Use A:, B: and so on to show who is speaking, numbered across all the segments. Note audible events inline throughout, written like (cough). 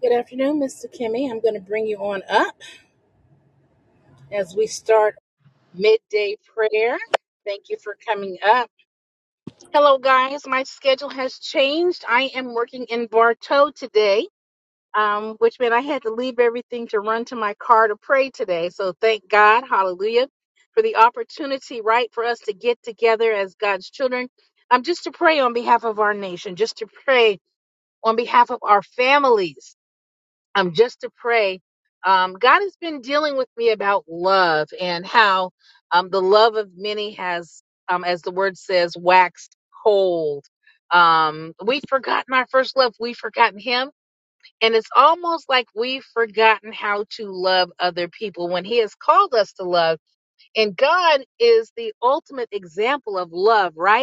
A: Good afternoon, Mr. Kimmy. I'm going to bring you on up as we start midday prayer. Thank you for coming up. Hello, guys. My schedule has changed. I am working in Bartow today, um, which meant I had to leave everything to run to my car to pray today. So thank God, hallelujah, for the opportunity, right, for us to get together as God's children. um, just to pray on behalf of our nation, just to pray on behalf of our families um, just to pray. Um, God has been dealing with me about love and how um, the love of many has, um, as the word says, waxed cold. Um, we've forgotten our first love. We've forgotten Him. And it's almost like we've forgotten how to love other people when He has called us to love. And God is the ultimate example of love, right?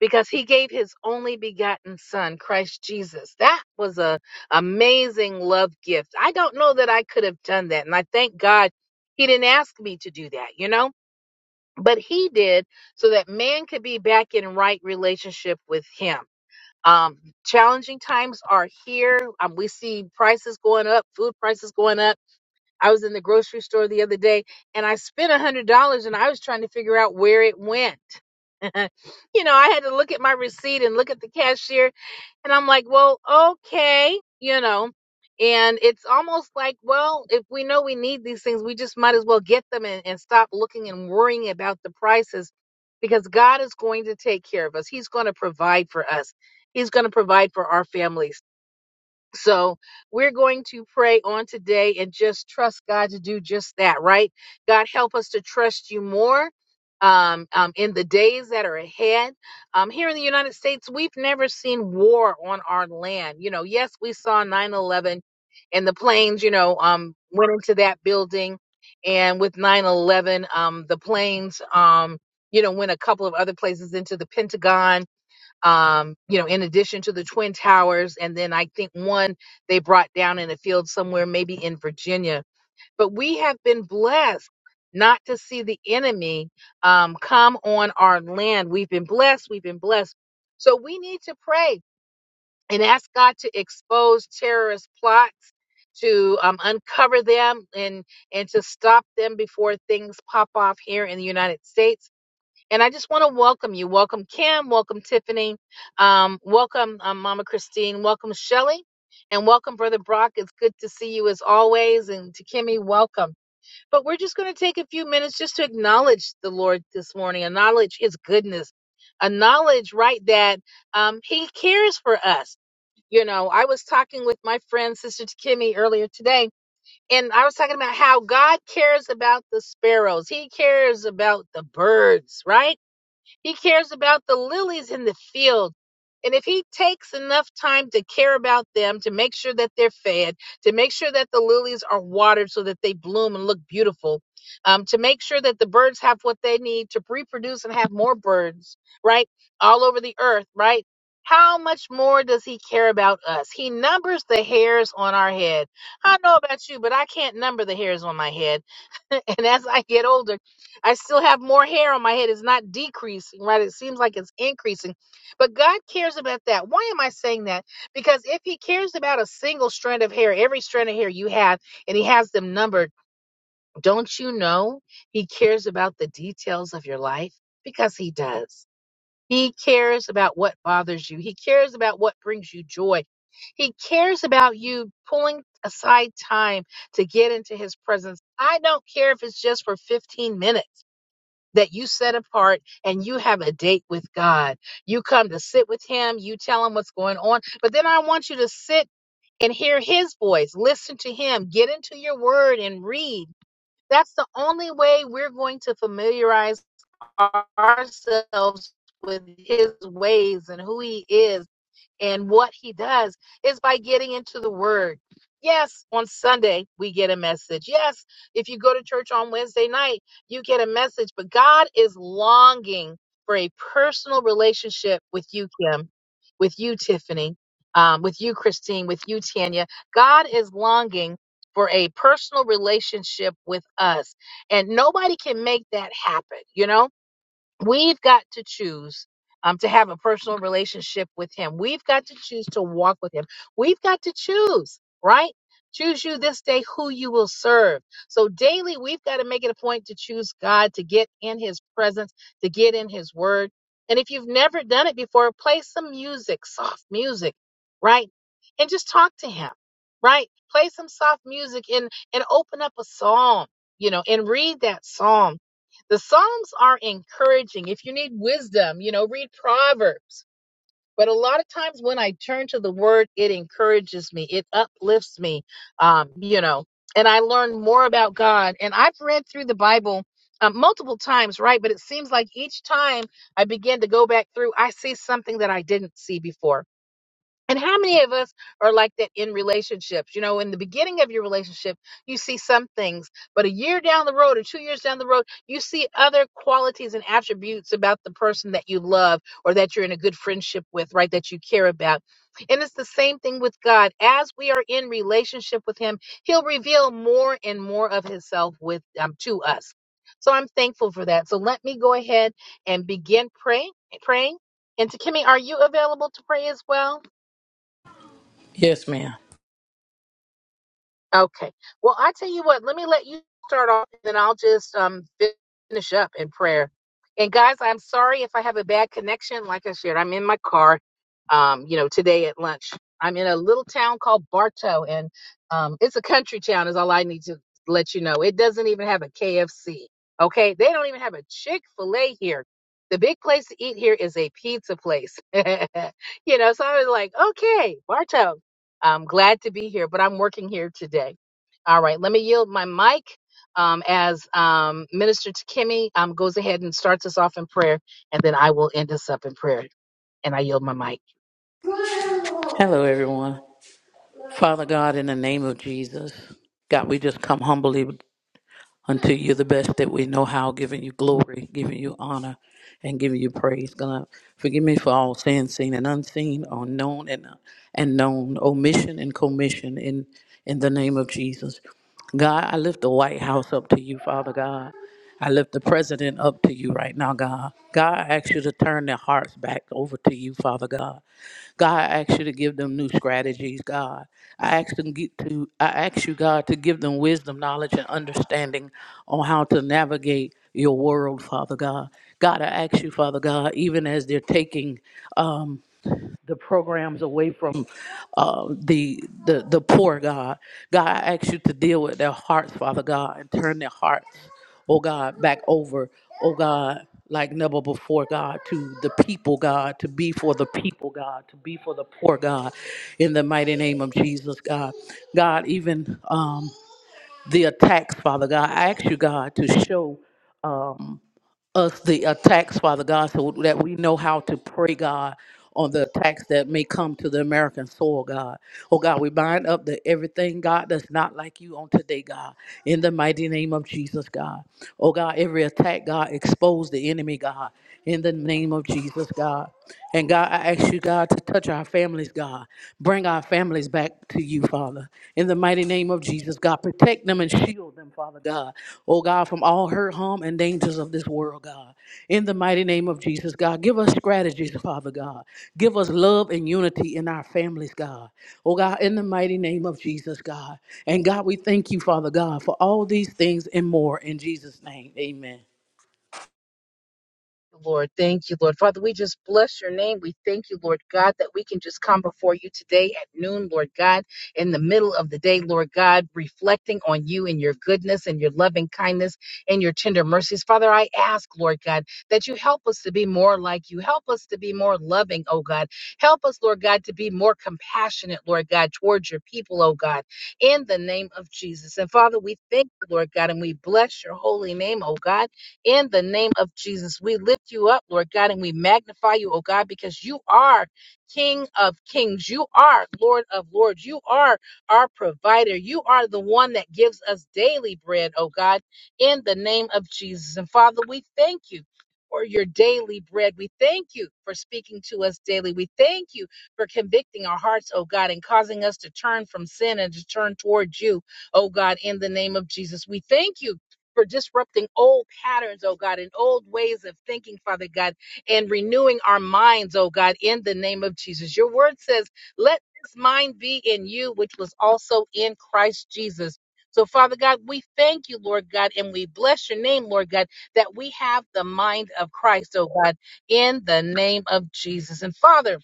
A: because he gave his only begotten son christ jesus that was a amazing love gift i don't know that i could have done that and i thank god he didn't ask me to do that you know but he did so that man could be back in right relationship with him um, challenging times are here um, we see prices going up food prices going up i was in the grocery store the other day and i spent a hundred dollars and i was trying to figure out where it went (laughs) you know, I had to look at my receipt and look at the cashier, and I'm like, well, okay, you know. And it's almost like, well, if we know we need these things, we just might as well get them and, and stop looking and worrying about the prices because God is going to take care of us. He's going to provide for us, He's going to provide for our families so we're going to pray on today and just trust God to do just that, right? God, help us to trust you more. Um, um, in the days that are ahead, um, here in the United States, we've never seen war on our land. You know, yes, we saw 9 11 and the planes, you know, um, went into that building. And with 9 11, um, the planes, um, you know, went a couple of other places into the Pentagon um, you know, in addition to the Twin Towers. And then I think one they brought down in a field somewhere, maybe in Virginia. But we have been blessed not to see the enemy um, come on our land. We've been blessed. We've been blessed. So we need to pray and ask God to expose terrorist plots. To um, uncover them and and to stop them before things pop off here in the United States and I just want to welcome you. Welcome Kim. Welcome Tiffany. Um, welcome um, Mama Christine. Welcome Shelly. And welcome Brother Brock. It's good to see you as always. And to Kimmy, welcome. But we're just going to take a few minutes just to acknowledge the Lord this morning, acknowledge His goodness, acknowledge, right, that um, He cares for us. You know, I was talking with my friend, Sister Kimmy, earlier today, and I was talking about how God cares about the sparrows. He cares about the birds, right? He cares about the lilies in the field. And if he takes enough time to care about them, to make sure that they're fed, to make sure that the lilies are watered so that they bloom and look beautiful, um, to make sure that the birds have what they need to reproduce and have more birds, right? All over the earth, right? How much more does he care about us? He numbers the hairs on our head. I don't know about you, but I can't number the hairs on my head. (laughs) And as I get older, I still have more hair on my head. It's not decreasing, right? It seems like it's increasing. But God cares about that. Why am I saying that? Because if He cares about a single strand of hair, every strand of hair you have, and He has them numbered, don't you know He cares about the details of your life? Because He does. He cares about what bothers you. He cares about what brings you joy. He cares about you pulling aside time to get into his presence. I don't care if it's just for 15 minutes that you set apart and you have a date with God. You come to sit with him, you tell him what's going on, but then I want you to sit and hear his voice, listen to him, get into your word and read. That's the only way we're going to familiarize ourselves with his ways and who he is and what he does is by getting into the word. Yes, on Sunday we get a message. Yes, if you go to church on Wednesday night, you get a message, but God is longing for a personal relationship with you, Kim, with you, Tiffany, um, with you, Christine, with you, Tanya. God is longing for a personal relationship with us, and nobody can make that happen, you know? We've got to choose um, to have a personal relationship with Him. We've got to choose to walk with Him. We've got to choose, right? Choose you this day who you will serve. So daily, we've got to make it a point to choose God, to get in His presence, to get in His Word. And if you've never done it before, play some music, soft music, right? And just talk to Him, right? Play some soft music and and open up a psalm, you know, and read that psalm the Psalms are encouraging. If you need wisdom, you know, read Proverbs. But a lot of times when I turn to the Word, it encourages me, it uplifts me, um, you know, and I learn more about God. And I've read through the Bible uh, multiple times, right? But it seems like each time I begin to go back through, I see something that I didn't see before and how many of us are like that in relationships? You know, in the beginning of your relationship, you see some things, but a year down the road or two years down the road, you see other qualities and attributes about the person that you love or that you're in a good friendship with, right? That you care about. And it's the same thing with God. As we are in relationship with Him, He'll reveal more and more of Himself with um, to us. So I'm thankful for that. So let me go ahead and begin pray, praying. And to Kimmy, are you available to pray as well?
B: Yes, ma'am.
A: Okay. Well, I tell you what, let me let you start off, and then I'll just um finish up in prayer. And guys, I'm sorry if I have a bad connection. Like I shared, I'm in my car. Um, you know, today at lunch, I'm in a little town called Bartow, and um, it's a country town. Is all I need to let you know. It doesn't even have a KFC. Okay, they don't even have a Chick Fil A here. The big place to eat here is a pizza place. (laughs) you know, so I was like, okay, Bartow. I'm glad to be here, but I'm working here today. All right, let me yield my mic um, as um, Minister Kimmy um, goes ahead and starts us off in prayer, and then I will end us up in prayer. And I yield my mic.
B: Hello, everyone. Father God, in the name of Jesus, God, we just come humbly unto you the best that we know how, giving you glory, giving you honor, and giving you praise. God, forgive me for all sin, seen and unseen, unknown and and known, omission and commission. In in the name of Jesus, God, I lift the White House up to you, Father God. I lift the president up to you right now, God. God, I ask you to turn their hearts back over to you, Father God. God, I ask you to give them new strategies, God. I ask them get to I ask you, God, to give them wisdom, knowledge, and understanding on how to navigate your world, Father God. God, I ask you, Father God, even as they're taking um, the programs away from uh, the, the the poor God. God, I ask you to deal with their hearts, Father God, and turn their hearts, oh God, back over, oh God, like never before, God, to the people, God, to be for the people, God, to be for the poor, God, in the mighty name of Jesus, God. God, even um, the attacks, Father God, I ask you, God, to show. Um, us the attacks, Father God, so that we know how to pray, God, on the attacks that may come to the American soil, God. Oh God, we bind up the everything, God, that's not like you on today, God. In the mighty name of Jesus, God. Oh God, every attack, God, expose the enemy, God. In the name of Jesus, God. And God, I ask you, God, to touch our families, God. Bring our families families back to you, Father. In the mighty name of Jesus, God, protect them and shield them, Father God. Oh, God, from all hurt, harm, and dangers of this world, God. In the mighty name of Jesus, God, give us strategies, Father God. Give us love and unity in our families, God. Oh, God, in the mighty name of Jesus, God. And God, we thank you, Father God, for all these things and more. In Jesus' name, amen.
A: Lord. Thank you, Lord. Father, we just bless your name. We thank you, Lord God, that we can just come before you today at noon, Lord God, in the middle of the day, Lord God, reflecting on you and your goodness and your loving kindness and your tender mercies. Father, I ask, Lord God, that you help us to be more like you. Help us to be more loving, oh God. Help us, Lord God, to be more compassionate, Lord God, towards your people, oh God, in the name of Jesus. And Father, we thank you, Lord God, and we bless your holy name, oh God in the name of Jesus. We lift you up, Lord God, and we magnify you, oh God, because you are King of kings. You are Lord of lords. You are our provider. You are the one that gives us daily bread, oh God, in the name of Jesus. And Father, we thank you. For your daily bread. We thank you for speaking to us daily. We thank you for convicting our hearts, oh God, and causing us to turn from sin and to turn towards you, oh God, in the name of Jesus. We thank you for disrupting old patterns, oh God, and old ways of thinking, Father God, and renewing our minds, oh God, in the name of Jesus. Your word says, let this mind be in you, which was also in Christ Jesus. So, Father God, we thank you, Lord God, and we bless your name, Lord God, that we have the mind of Christ, oh God, in the name of Jesus. And Father,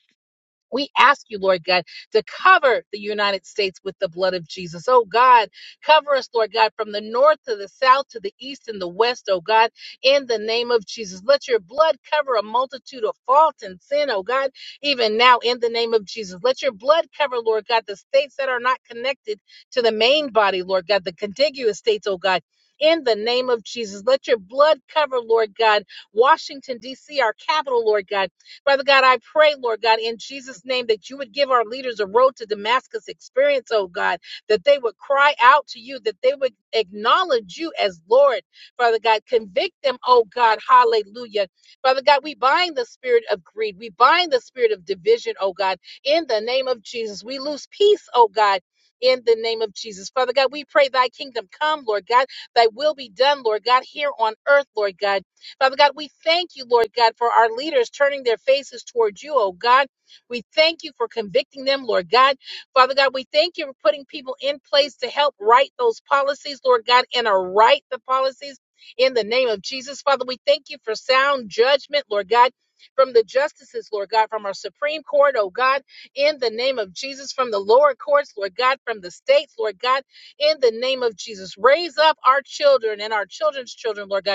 A: we ask you, Lord God, to cover the United States with the blood of Jesus. Oh God, cover us, Lord God, from the north to the south to the east and the west, oh God, in the name of Jesus. Let your blood cover a multitude of fault and sin, oh God, even now in the name of Jesus. Let your blood cover, Lord God, the states that are not connected to the main body, Lord God, the contiguous states, oh God. In the name of Jesus, let your blood cover, Lord God, Washington, D.C., our capital, Lord God. Father God, I pray, Lord God, in Jesus' name that you would give our leaders a road to Damascus experience, oh God, that they would cry out to you, that they would acknowledge you as Lord, Father God. Convict them, oh God, hallelujah. Father God, we bind the spirit of greed, we bind the spirit of division, oh God, in the name of Jesus. We lose peace, oh God. In the name of Jesus. Father God, we pray thy kingdom come, Lord God. Thy will be done, Lord God, here on earth, Lord God Father God, we thank you, Lord God, for our leaders turning their faces towards you, oh God. We thank you for convicting them, Lord God. Father God, we thank you for putting people in place to help write those policies, Lord God, and to write the policies in the name of Jesus. Father, we thank you for sound judgment, Lord God. From the justices, Lord God, from our Supreme Court, oh God, in the name of Jesus, from the lower courts, Lord God, from the states, Lord God, in the name of Jesus. Raise up our children and our children's children, Lord God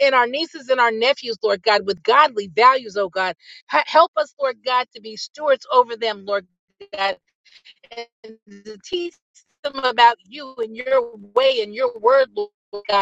A: and our nieces and our nephews, Lord God, with godly values, oh God. Ha- help us, Lord God, to be stewards over them, Lord God, and to teach them about you and your way and your word, Lord God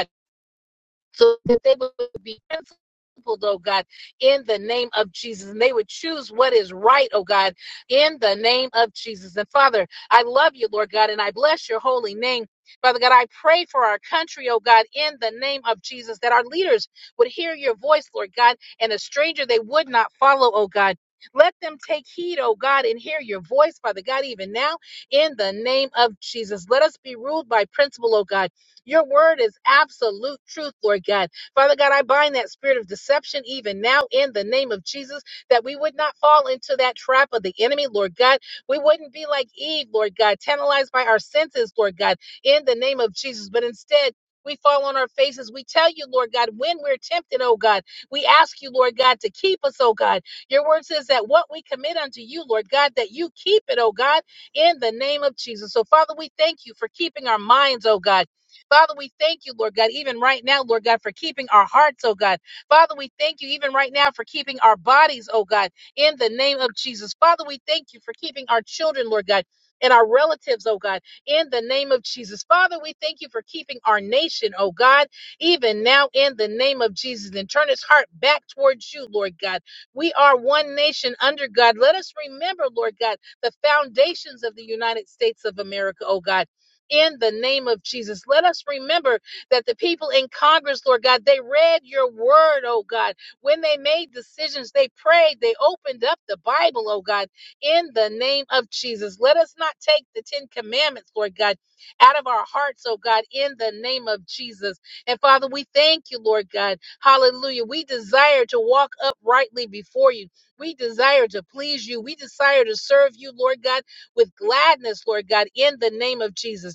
A: so that they would be principled, oh God, in the name of Jesus. And they would choose what is right, oh God, in the name of Jesus. And Father, I love you, Lord God, and I bless your holy name. Father God, I pray for our country, oh God, in the name of Jesus, that our leaders would hear your voice, Lord God, and a stranger they would not follow, oh God. Let them take heed, oh God, and hear your voice, Father God, even now, in the name of Jesus. Let us be ruled by principle, oh God your word is absolute truth, Lord God. Father God, I bind that spirit of deception even now in the name of Jesus, that we would not fall into that trap of the enemy, Lord God. We wouldn't be like Eve, Lord God, tantalized by our senses, Lord God, in the name of Jesus, but instead, we fall on our faces. We tell you, Lord God, when we're tempted, oh God. We ask you, Lord God, to keep us, oh God. Your word says that what we commit unto you, Lord God, that you keep it, oh God, in the name of Jesus. So, Father, we thank you for keeping our minds, oh God. Father, we thank you, Lord God, even right now, Lord God, for keeping our hearts, oh God. Father, we thank you even right now for keeping our bodies, oh God, in the name of Jesus. Father, we thank you for keeping our children, Lord God. And our relatives, oh God, in the name of Jesus. Father, we thank you for keeping our nation, oh God, even now in the name of Jesus. And turn his heart back towards you, Lord God. We are one nation under God. Let us remember, Lord God, the foundations of the United States of America, oh God in the name of Jesus. Let us remember that the people in Congress, Lord God, they read your word, oh God. When they made decisions, they prayed, they opened up the Bible, oh God, in the name of Jesus. Let us not take the Ten Commandments, Lord God, out of our hearts, oh God, in the name of Jesus. And Father, we thank you, Lord God. Hallelujah. We desire to walk uprightly before you. We desire to please you. We desire to serve you, Lord God, with gladness, Lord God, in the name of Jesus.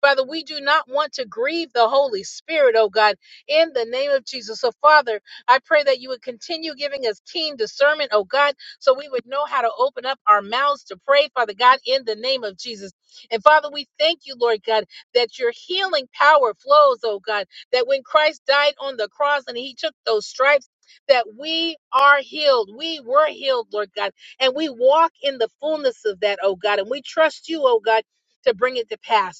A: Father, we do not want to grieve the Holy Spirit, oh God, in the name of Jesus. So, Father, I pray that you would continue giving us keen discernment, oh God, so we would know how to open up our mouths to pray, Father God, in the name of Jesus. And Father, we thank you, Lord God, that your healing power flows, oh God, that when Christ died on the cross and he took those stripes, that we are healed. We were healed, Lord God, and we walk in the fullness of that, oh God, and we trust you, oh God, to bring it to pass.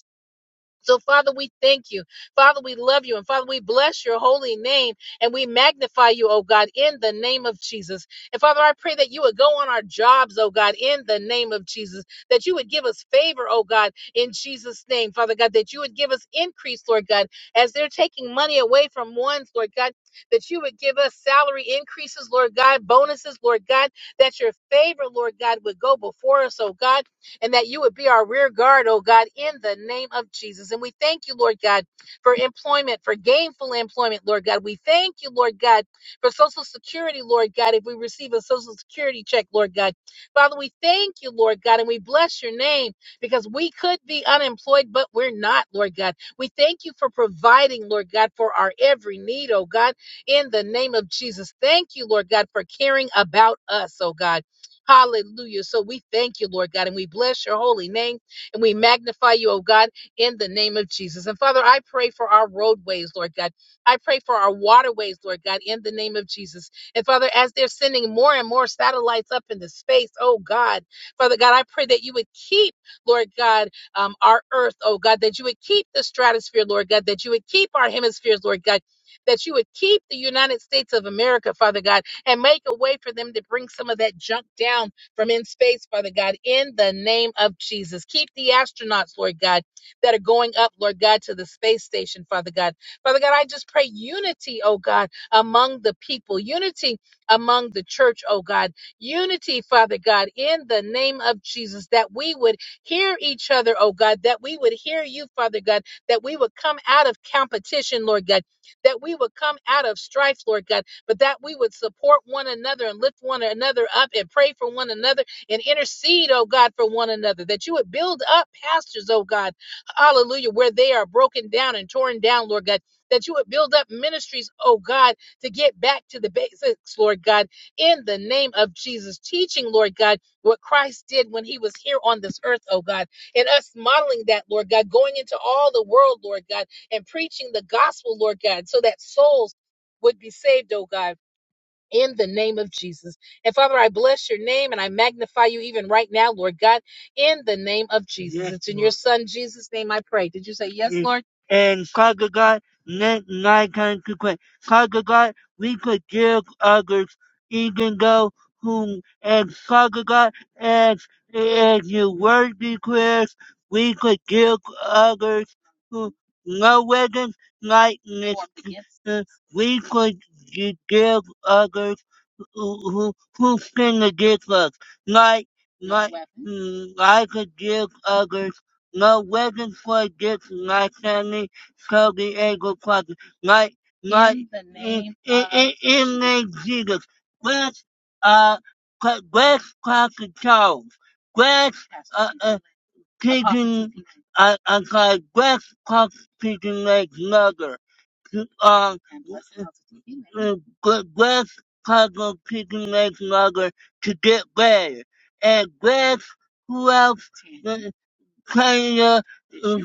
A: So, Father, we thank you. Father, we love you. And Father, we bless your holy name and we magnify you, oh God, in the name of Jesus. And Father, I pray that you would go on our jobs, oh God, in the name of Jesus. That you would give us favor, oh God, in Jesus' name, Father God. That you would give us increase, Lord God, as they're taking money away from ones, Lord God. That you would give us salary increases, Lord God, bonuses, Lord God. That your favor, Lord God, would go before us, oh God and that you would be our rear guard, oh God, in the name of Jesus. And we thank you, Lord God, for employment, for gainful employment, Lord God. We thank you, Lord God, for Social Security, Lord God, if we receive a Social Security check, Lord God. Father, we thank you, Lord God, and we bless your name because we could be unemployed, but we're not, Lord God. We thank you for providing, Lord God, for our every need, oh God, in the name of Jesus. Thank you, Lord God, for caring about us, oh God. Hallelujah. So we thank you, Lord God, and we bless your holy name and we magnify you, oh God, in the name of Jesus. And Father, I pray for our roadways, Lord God. I pray for our waterways, Lord God, in the name of Jesus. And Father, as they're sending more and more satellites up into space, oh God, Father God, I pray that you would keep, Lord God, um, our earth, oh God, that you would keep the stratosphere, Lord God, that you would keep our hemispheres, Lord God, that you would keep the United States of America, Father God and make a way for them to bring some of that junk down from in space, Father God, in the name of Jesus. Keep the astronauts, Lord God, that are going up, Lord God, to the space station, Father God. Father God, I just pray unity, oh God, among the people, unity among the church, oh God, unity, Father God, in the name of Jesus, that we would hear each other, oh God, that we would hear you, Father God, that we would come out of competition, Lord God, that we would come out of strife, Lord God but that we would support one another and lift one another up and pray for one another and intercede, oh God, for one another. That you would build up pastors, oh God, hallelujah, where they are broken down and torn down, Lord God. That you would build up ministries, oh God, to get back to the basics, Lord God, in the name of Jesus. Teaching, Lord God, what Christ did when he was here on this earth, oh God, and us modeling that, Lord God, going into all the world, Lord God, and preaching the gospel, Lord God, so that souls would be saved, oh God in the name of Jesus. And Father, I bless your name and I magnify you even right now, Lord God, in the name of Jesus. Yes, it's in Lord. your son Jesus' name I pray. Did you say yes, Mm. Lord? And Father God, let light come to Christ. Father God, we forgive others, even though whom, and Father God, as, as your word declares, we forgive others who no weapons like this. We could gi- give others who, who, who sin against us. Like, like, mm, I could give others no weapons for against my family, so the angel Father. Like, like, in, the name in, in, in name Jesus. Bless, uh, Pa- bless Pastor Charles. Bless, uh, uh, Pigeon, I, I'm sorry, bless Pastor Pigeon Legs uh, uh, Gr- Chicago Chicken Rice Lager to get better. And grass who else? Uh, Kenya uh,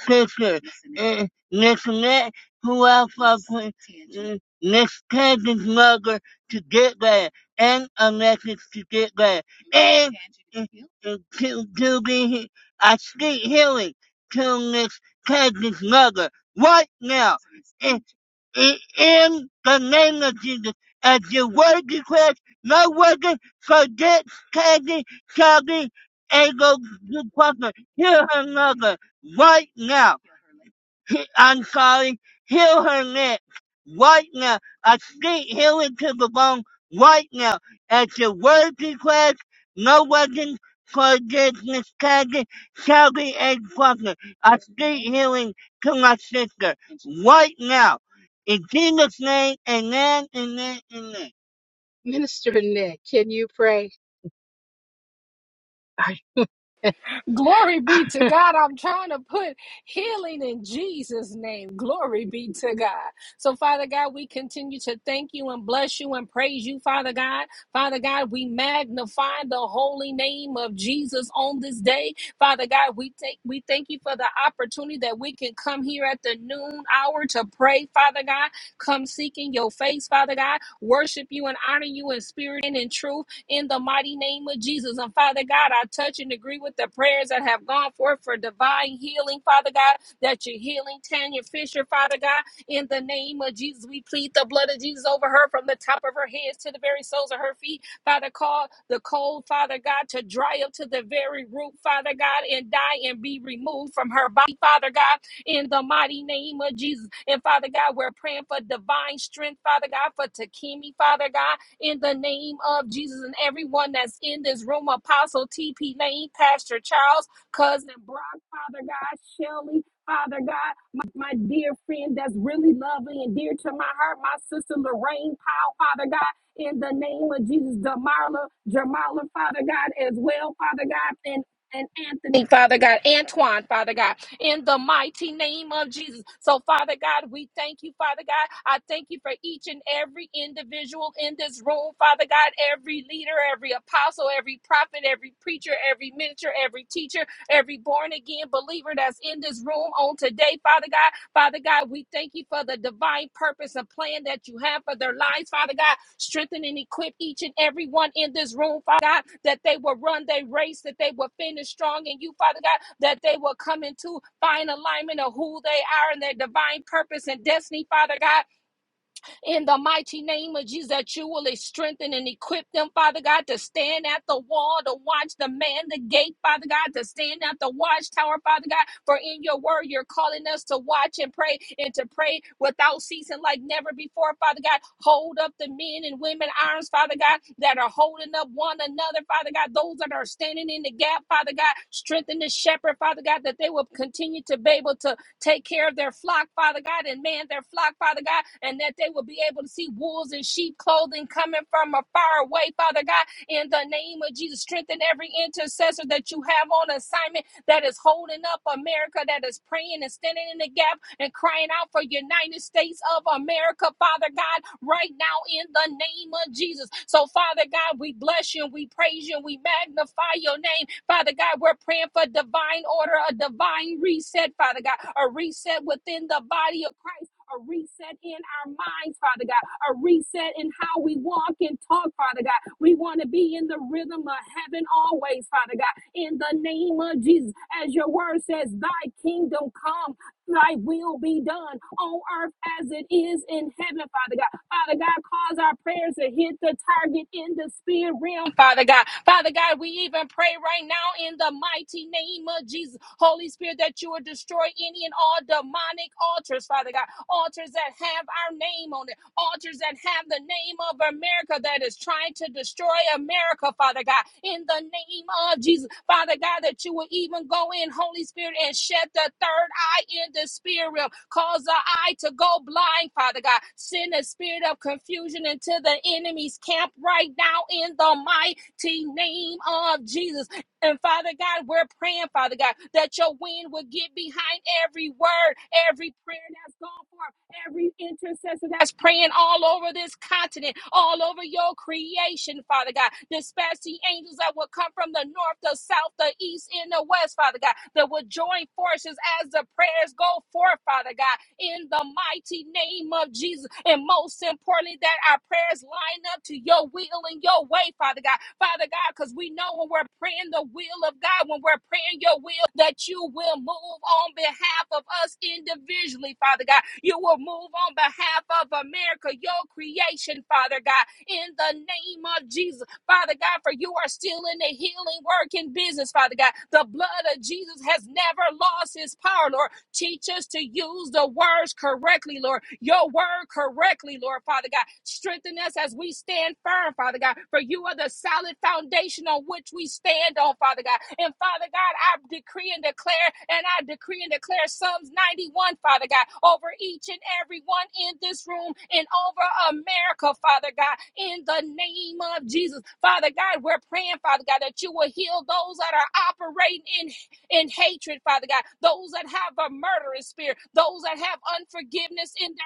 A: Fisher. Uh, Miss Nick, who else I put? Uh, Miss Tanger's Lager to get better. And Alexis to get better. And uh, uh, to, to be, I speak healing to Miss Tanger's Lager right now in, in the name of Jesus. As your word declares, no weapon for this candy shall be able to prosper. Hear another right now. He- I'm sorry, heal her neck right now. I speak healing to the bone right now. At your word request, no weapon for this miscarriage shall be a problem. I speak healing to my sister right now. In Jesus' name, amen, amen, amen. Minister Nick, can you pray? I-
C: Glory be to God. I'm trying to put healing in Jesus' name. Glory be to God. So, Father God, we continue to thank you and bless you and praise you, Father God. Father God, we magnify the holy name of Jesus on this day. Father God, we take we thank you for the opportunity that we can come here at the noon hour to pray, Father God. Come seeking your face, Father God. Worship you and honor you in spirit and in truth in the mighty name of Jesus. And Father God, I touch and agree with the prayers that have gone forth for divine healing, Father God, that you're healing Tanya Fisher, Father God, in the name of Jesus. We plead the blood of Jesus over her from the top of her head to the very soles of her feet. Father, call the cold, Father God, to dry up to the very root, Father God, and die and be removed from her body, Father God, in the mighty name of Jesus. And Father God, we're praying for divine strength, Father God, for Takimi, Father God in the name of Jesus. And everyone that's in this room, Apostle TP Lane, Pastor Charles, Cousin Brock, Father God, Shelly, Father God, my, my dear friend that's really lovely and dear to my heart, my sister Lorraine Powell, Father God. In the name of Jesus, Damarla, Jamarla, Father God, as well, Father God, and and Anthony, Father God, Antoine, Father God in the mighty name of Jesus. So, Father God, we thank you, Father God. I thank you for each and every individual in this room, Father God, every leader, every apostle, every prophet, every preacher, every minister, every teacher, every born again believer that's in this room on today, Father God. Father God, we thank you for the divine purpose and plan that you have for their lives, Father God. Strengthen and equip each and every one in this room, Father God, that they will run their race, that they will finish strong in you, Father God, that they will come into fine alignment of who they are and their divine purpose and destiny, Father God in the mighty name of Jesus, that you will strengthen and equip them, Father God, to stand at the wall, to watch the man, the gate, Father God, to stand at the watchtower, Father God, for in your word, you're calling us to watch and pray and to pray without ceasing like never before, Father God. Hold up the men and women arms, Father God, that are holding up one another, Father God, those that are standing in the gap, Father God, strengthen the shepherd, Father God, that they will continue to be able to take care of their flock, Father God, and man their flock, Father God, and that they will be able to see wolves and sheep clothing coming from a far away, Father God, in the name of Jesus. Strengthen every intercessor that you have on assignment that is holding up America, that is praying and standing in the gap and crying out for United States of America, Father God, right now in the name of Jesus. So, Father God, we bless you and we praise you and we magnify your name. Father God, we're praying for divine order, a divine reset, Father God, a reset within the body of Christ. A reset in our minds, Father God. A reset in how we walk and talk, Father God. We want to be in the rhythm of heaven always, Father God. In the name of Jesus, as your word says, Thy kingdom come, Thy will be done on earth as it is in heaven, Father God. Father God, cause our prayers to hit the target in the spirit realm, Father God. Father God, we even pray right now in the mighty name of Jesus, Holy Spirit, that you will destroy any and all demonic altars, Father God, altars that have our name on it altars that have the name of America that is trying to destroy America, Father God. In the name of Jesus, Father God, that you will even go in, Holy Spirit, and shed the third eye in the spirit realm. Cause the eye to go blind, Father God. Send a spirit of confusion into the enemy's camp right now in the mighty name of Jesus. And Father God, we're praying, Father God, that your wind will get behind every word, every prayer that's gone forth every intercessor that's praying all over this continent, all over your creation, Father God. Dispatch the angels that will come from the north, the south, the east, and the west, Father God, that will join forces as the prayers go forth, Father God, in the mighty name of Jesus. And most most importantly, that our prayers line up to your will and your way, Father God. Father God, because we know when we're praying the will of God, when we're praying your will, that you will move on behalf of us individually, Father God. You will move on behalf of America, your creation, Father God, in the name of Jesus. Father God, for you are still in the healing work in business, Father God. The blood of Jesus has never lost His power, Lord. Teach us to use the words correctly, Lord. Your word correctly, Lord, Father God. Strengthen us as we stand firm, Father God, for you are the solid foundation on which we stand on, Father God. And Father God, I decree and declare, and I decree and declare Psalms 91, Father God, over each and every one in this room and over America, Father God, in the name of Jesus. Father God, we're praying, Father God, that you will heal those that are operating in in hatred, Father God, those that have a murderous spirit, those that have unforgiveness in their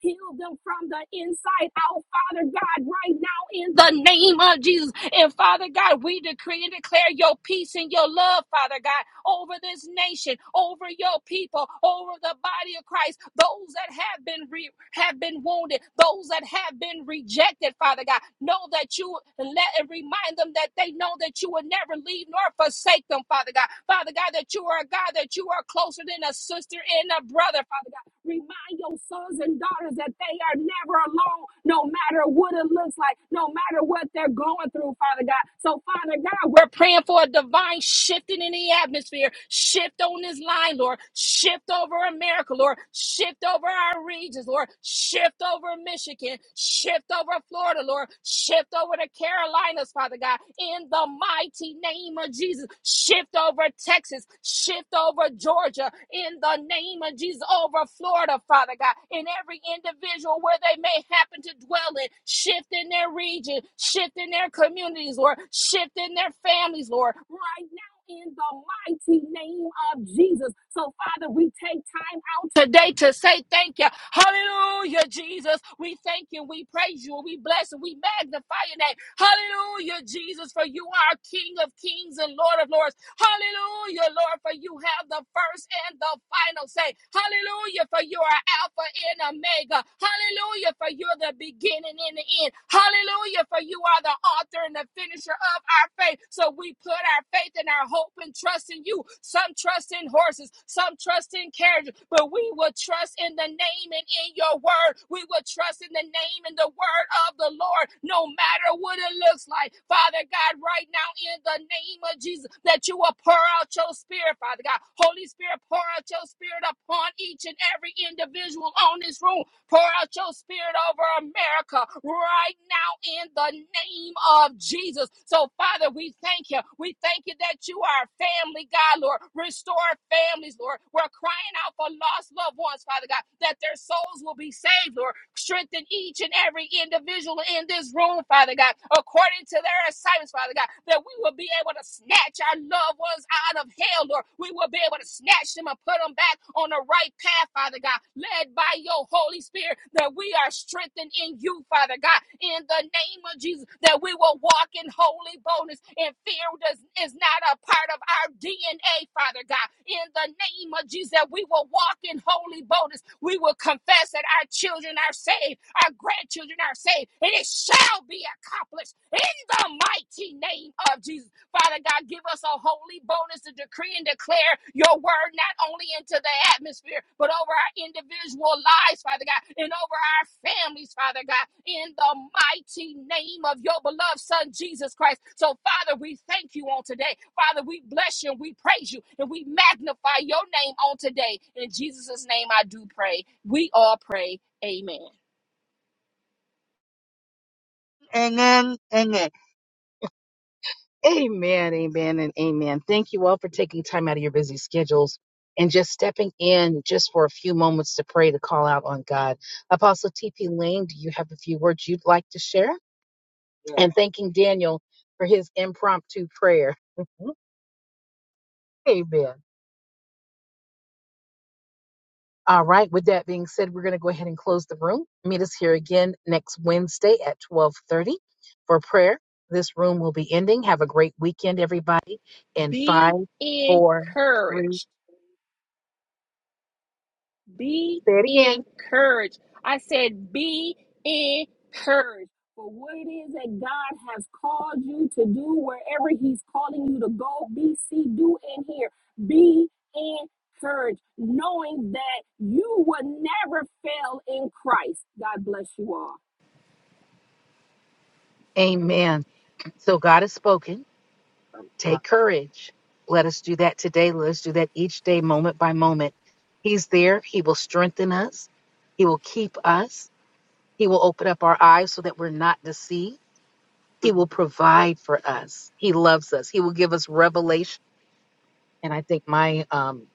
C: Heal them from the inside out, Father God, right now in the name of Jesus. And Father God, we decree and declare your peace and your love, Father God, over this nation, over your people, over the body of Christ, those that have been re- have been wounded, those that have been rejected, Father God. Know that you let and remind them that they know that you will never leave nor forsake them, Father God. Father God, that you are a God, that you are closer than a sister and a brother, Father God. Remind your sons and daughters that they are never alone, no matter what it looks like, no matter what they're going through, Father God. So, Father God, we're praying for a divine shifting in the atmosphere. Shift on this line, Lord. Shift over America, Lord. Shift over our regions, Lord. Shift over Michigan. Shift over Florida, Lord. Lord. Shift over to Carolinas, Father God, in the mighty name of Jesus. Shift over Texas. Shift over Georgia, in the name of Jesus. Over Florida, Father God, in every individual where they may happen to dwell in. Shift in their region. Shift in their communities, Lord. Shift in their families, Lord. Right now in the mighty name of Jesus. So, Father, we take time out today to say thank you. Hallelujah, Jesus. We thank you, we praise you, and we bless and we magnify your name. Hallelujah, Jesus, for you are King of kings and Lord of lords. Hallelujah, Lord, for you have the first and the final say. Hallelujah, for you are Alpha and Omega. Hallelujah, for you're the beginning and the end. Hallelujah, for you are the author and the finisher of our faith. So we put our faith and our hope and trust in you. Some trust in horses, some trust in carriages, but we will trust in the name and in your word. We will trust in the name and the word of the Lord, no matter what it looks like. Father God, right now in the name of Jesus that you will pour out your spirit, Father God. Holy Spirit, pour out your spirit upon each and every individual on this room. Pour out your spirit over America right now in the name of Jesus. So, Father, we thank you. We thank you that you are a family, God, Lord. Restore families, Lord. We're crying out for lost loved ones, Father God, that their souls will be saved, Lord. Strengthen each and every individual in this room, Father God God, according to their assignments, Father God, that we will be able to snatch our loved ones out of hell, Lord. We will be able to snatch them and put them back on the right path, Father God, led by your Holy Spirit, that we are strengthened in you, Father God, in the name of Jesus, that we will walk in holy boldness and fear does, is not a part of our DNA, Father God, in the name of Jesus, that we will walk in holy boldness. We will confess that our children are saved, our grandchildren children are saved, and it shall be accomplished in the mighty name of Jesus. Father God, give us a holy bonus to decree and declare your word not only into the atmosphere, but over our individual lives, Father God, and over our families, Father God, in the mighty name of your beloved Son, Jesus Christ. So, Father, we thank you on today. Father, we bless you and we praise you and we magnify your name on today. In Jesus' name, I do pray. We all pray. Amen.
A: Amen, amen. Amen, amen, and amen. Thank you all for taking time out of your busy schedules and just stepping in just for a few moments to pray to call out on God. Apostle T.P. Lane, do you have a few words you'd like to share? Yeah. And thanking Daniel for his impromptu prayer. (laughs) amen. All right, with that being said, we're going to go ahead and close the room. Meet us here again next Wednesday at 1230 for prayer. This room will be ending. Have a great weekend, everybody. In five,
C: Be
A: four, three,
C: encouraged. Be
A: say it again
C: encouraged. I said, be encouraged. For what it is that God has called you to do, wherever He's calling you to go, be, see, do, and hear. Be encouraged, knowing that you will never fail in Christ. God bless you all.
A: Amen. So God has spoken. Take courage. Let us do that today. Let us do that each day, moment by moment. He's there. He will strengthen us. He will keep us. He will open up our eyes so that we're not deceived. He will provide for us. He loves us. He will give us revelation. And I think my um,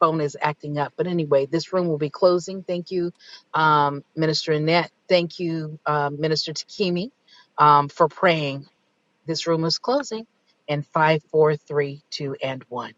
A: phone is acting up. But anyway, this room will be closing. Thank you, um, Minister Annette. Thank you, uh, Minister Takimi, um, for praying. This room is closing in five, four, three, two, and one.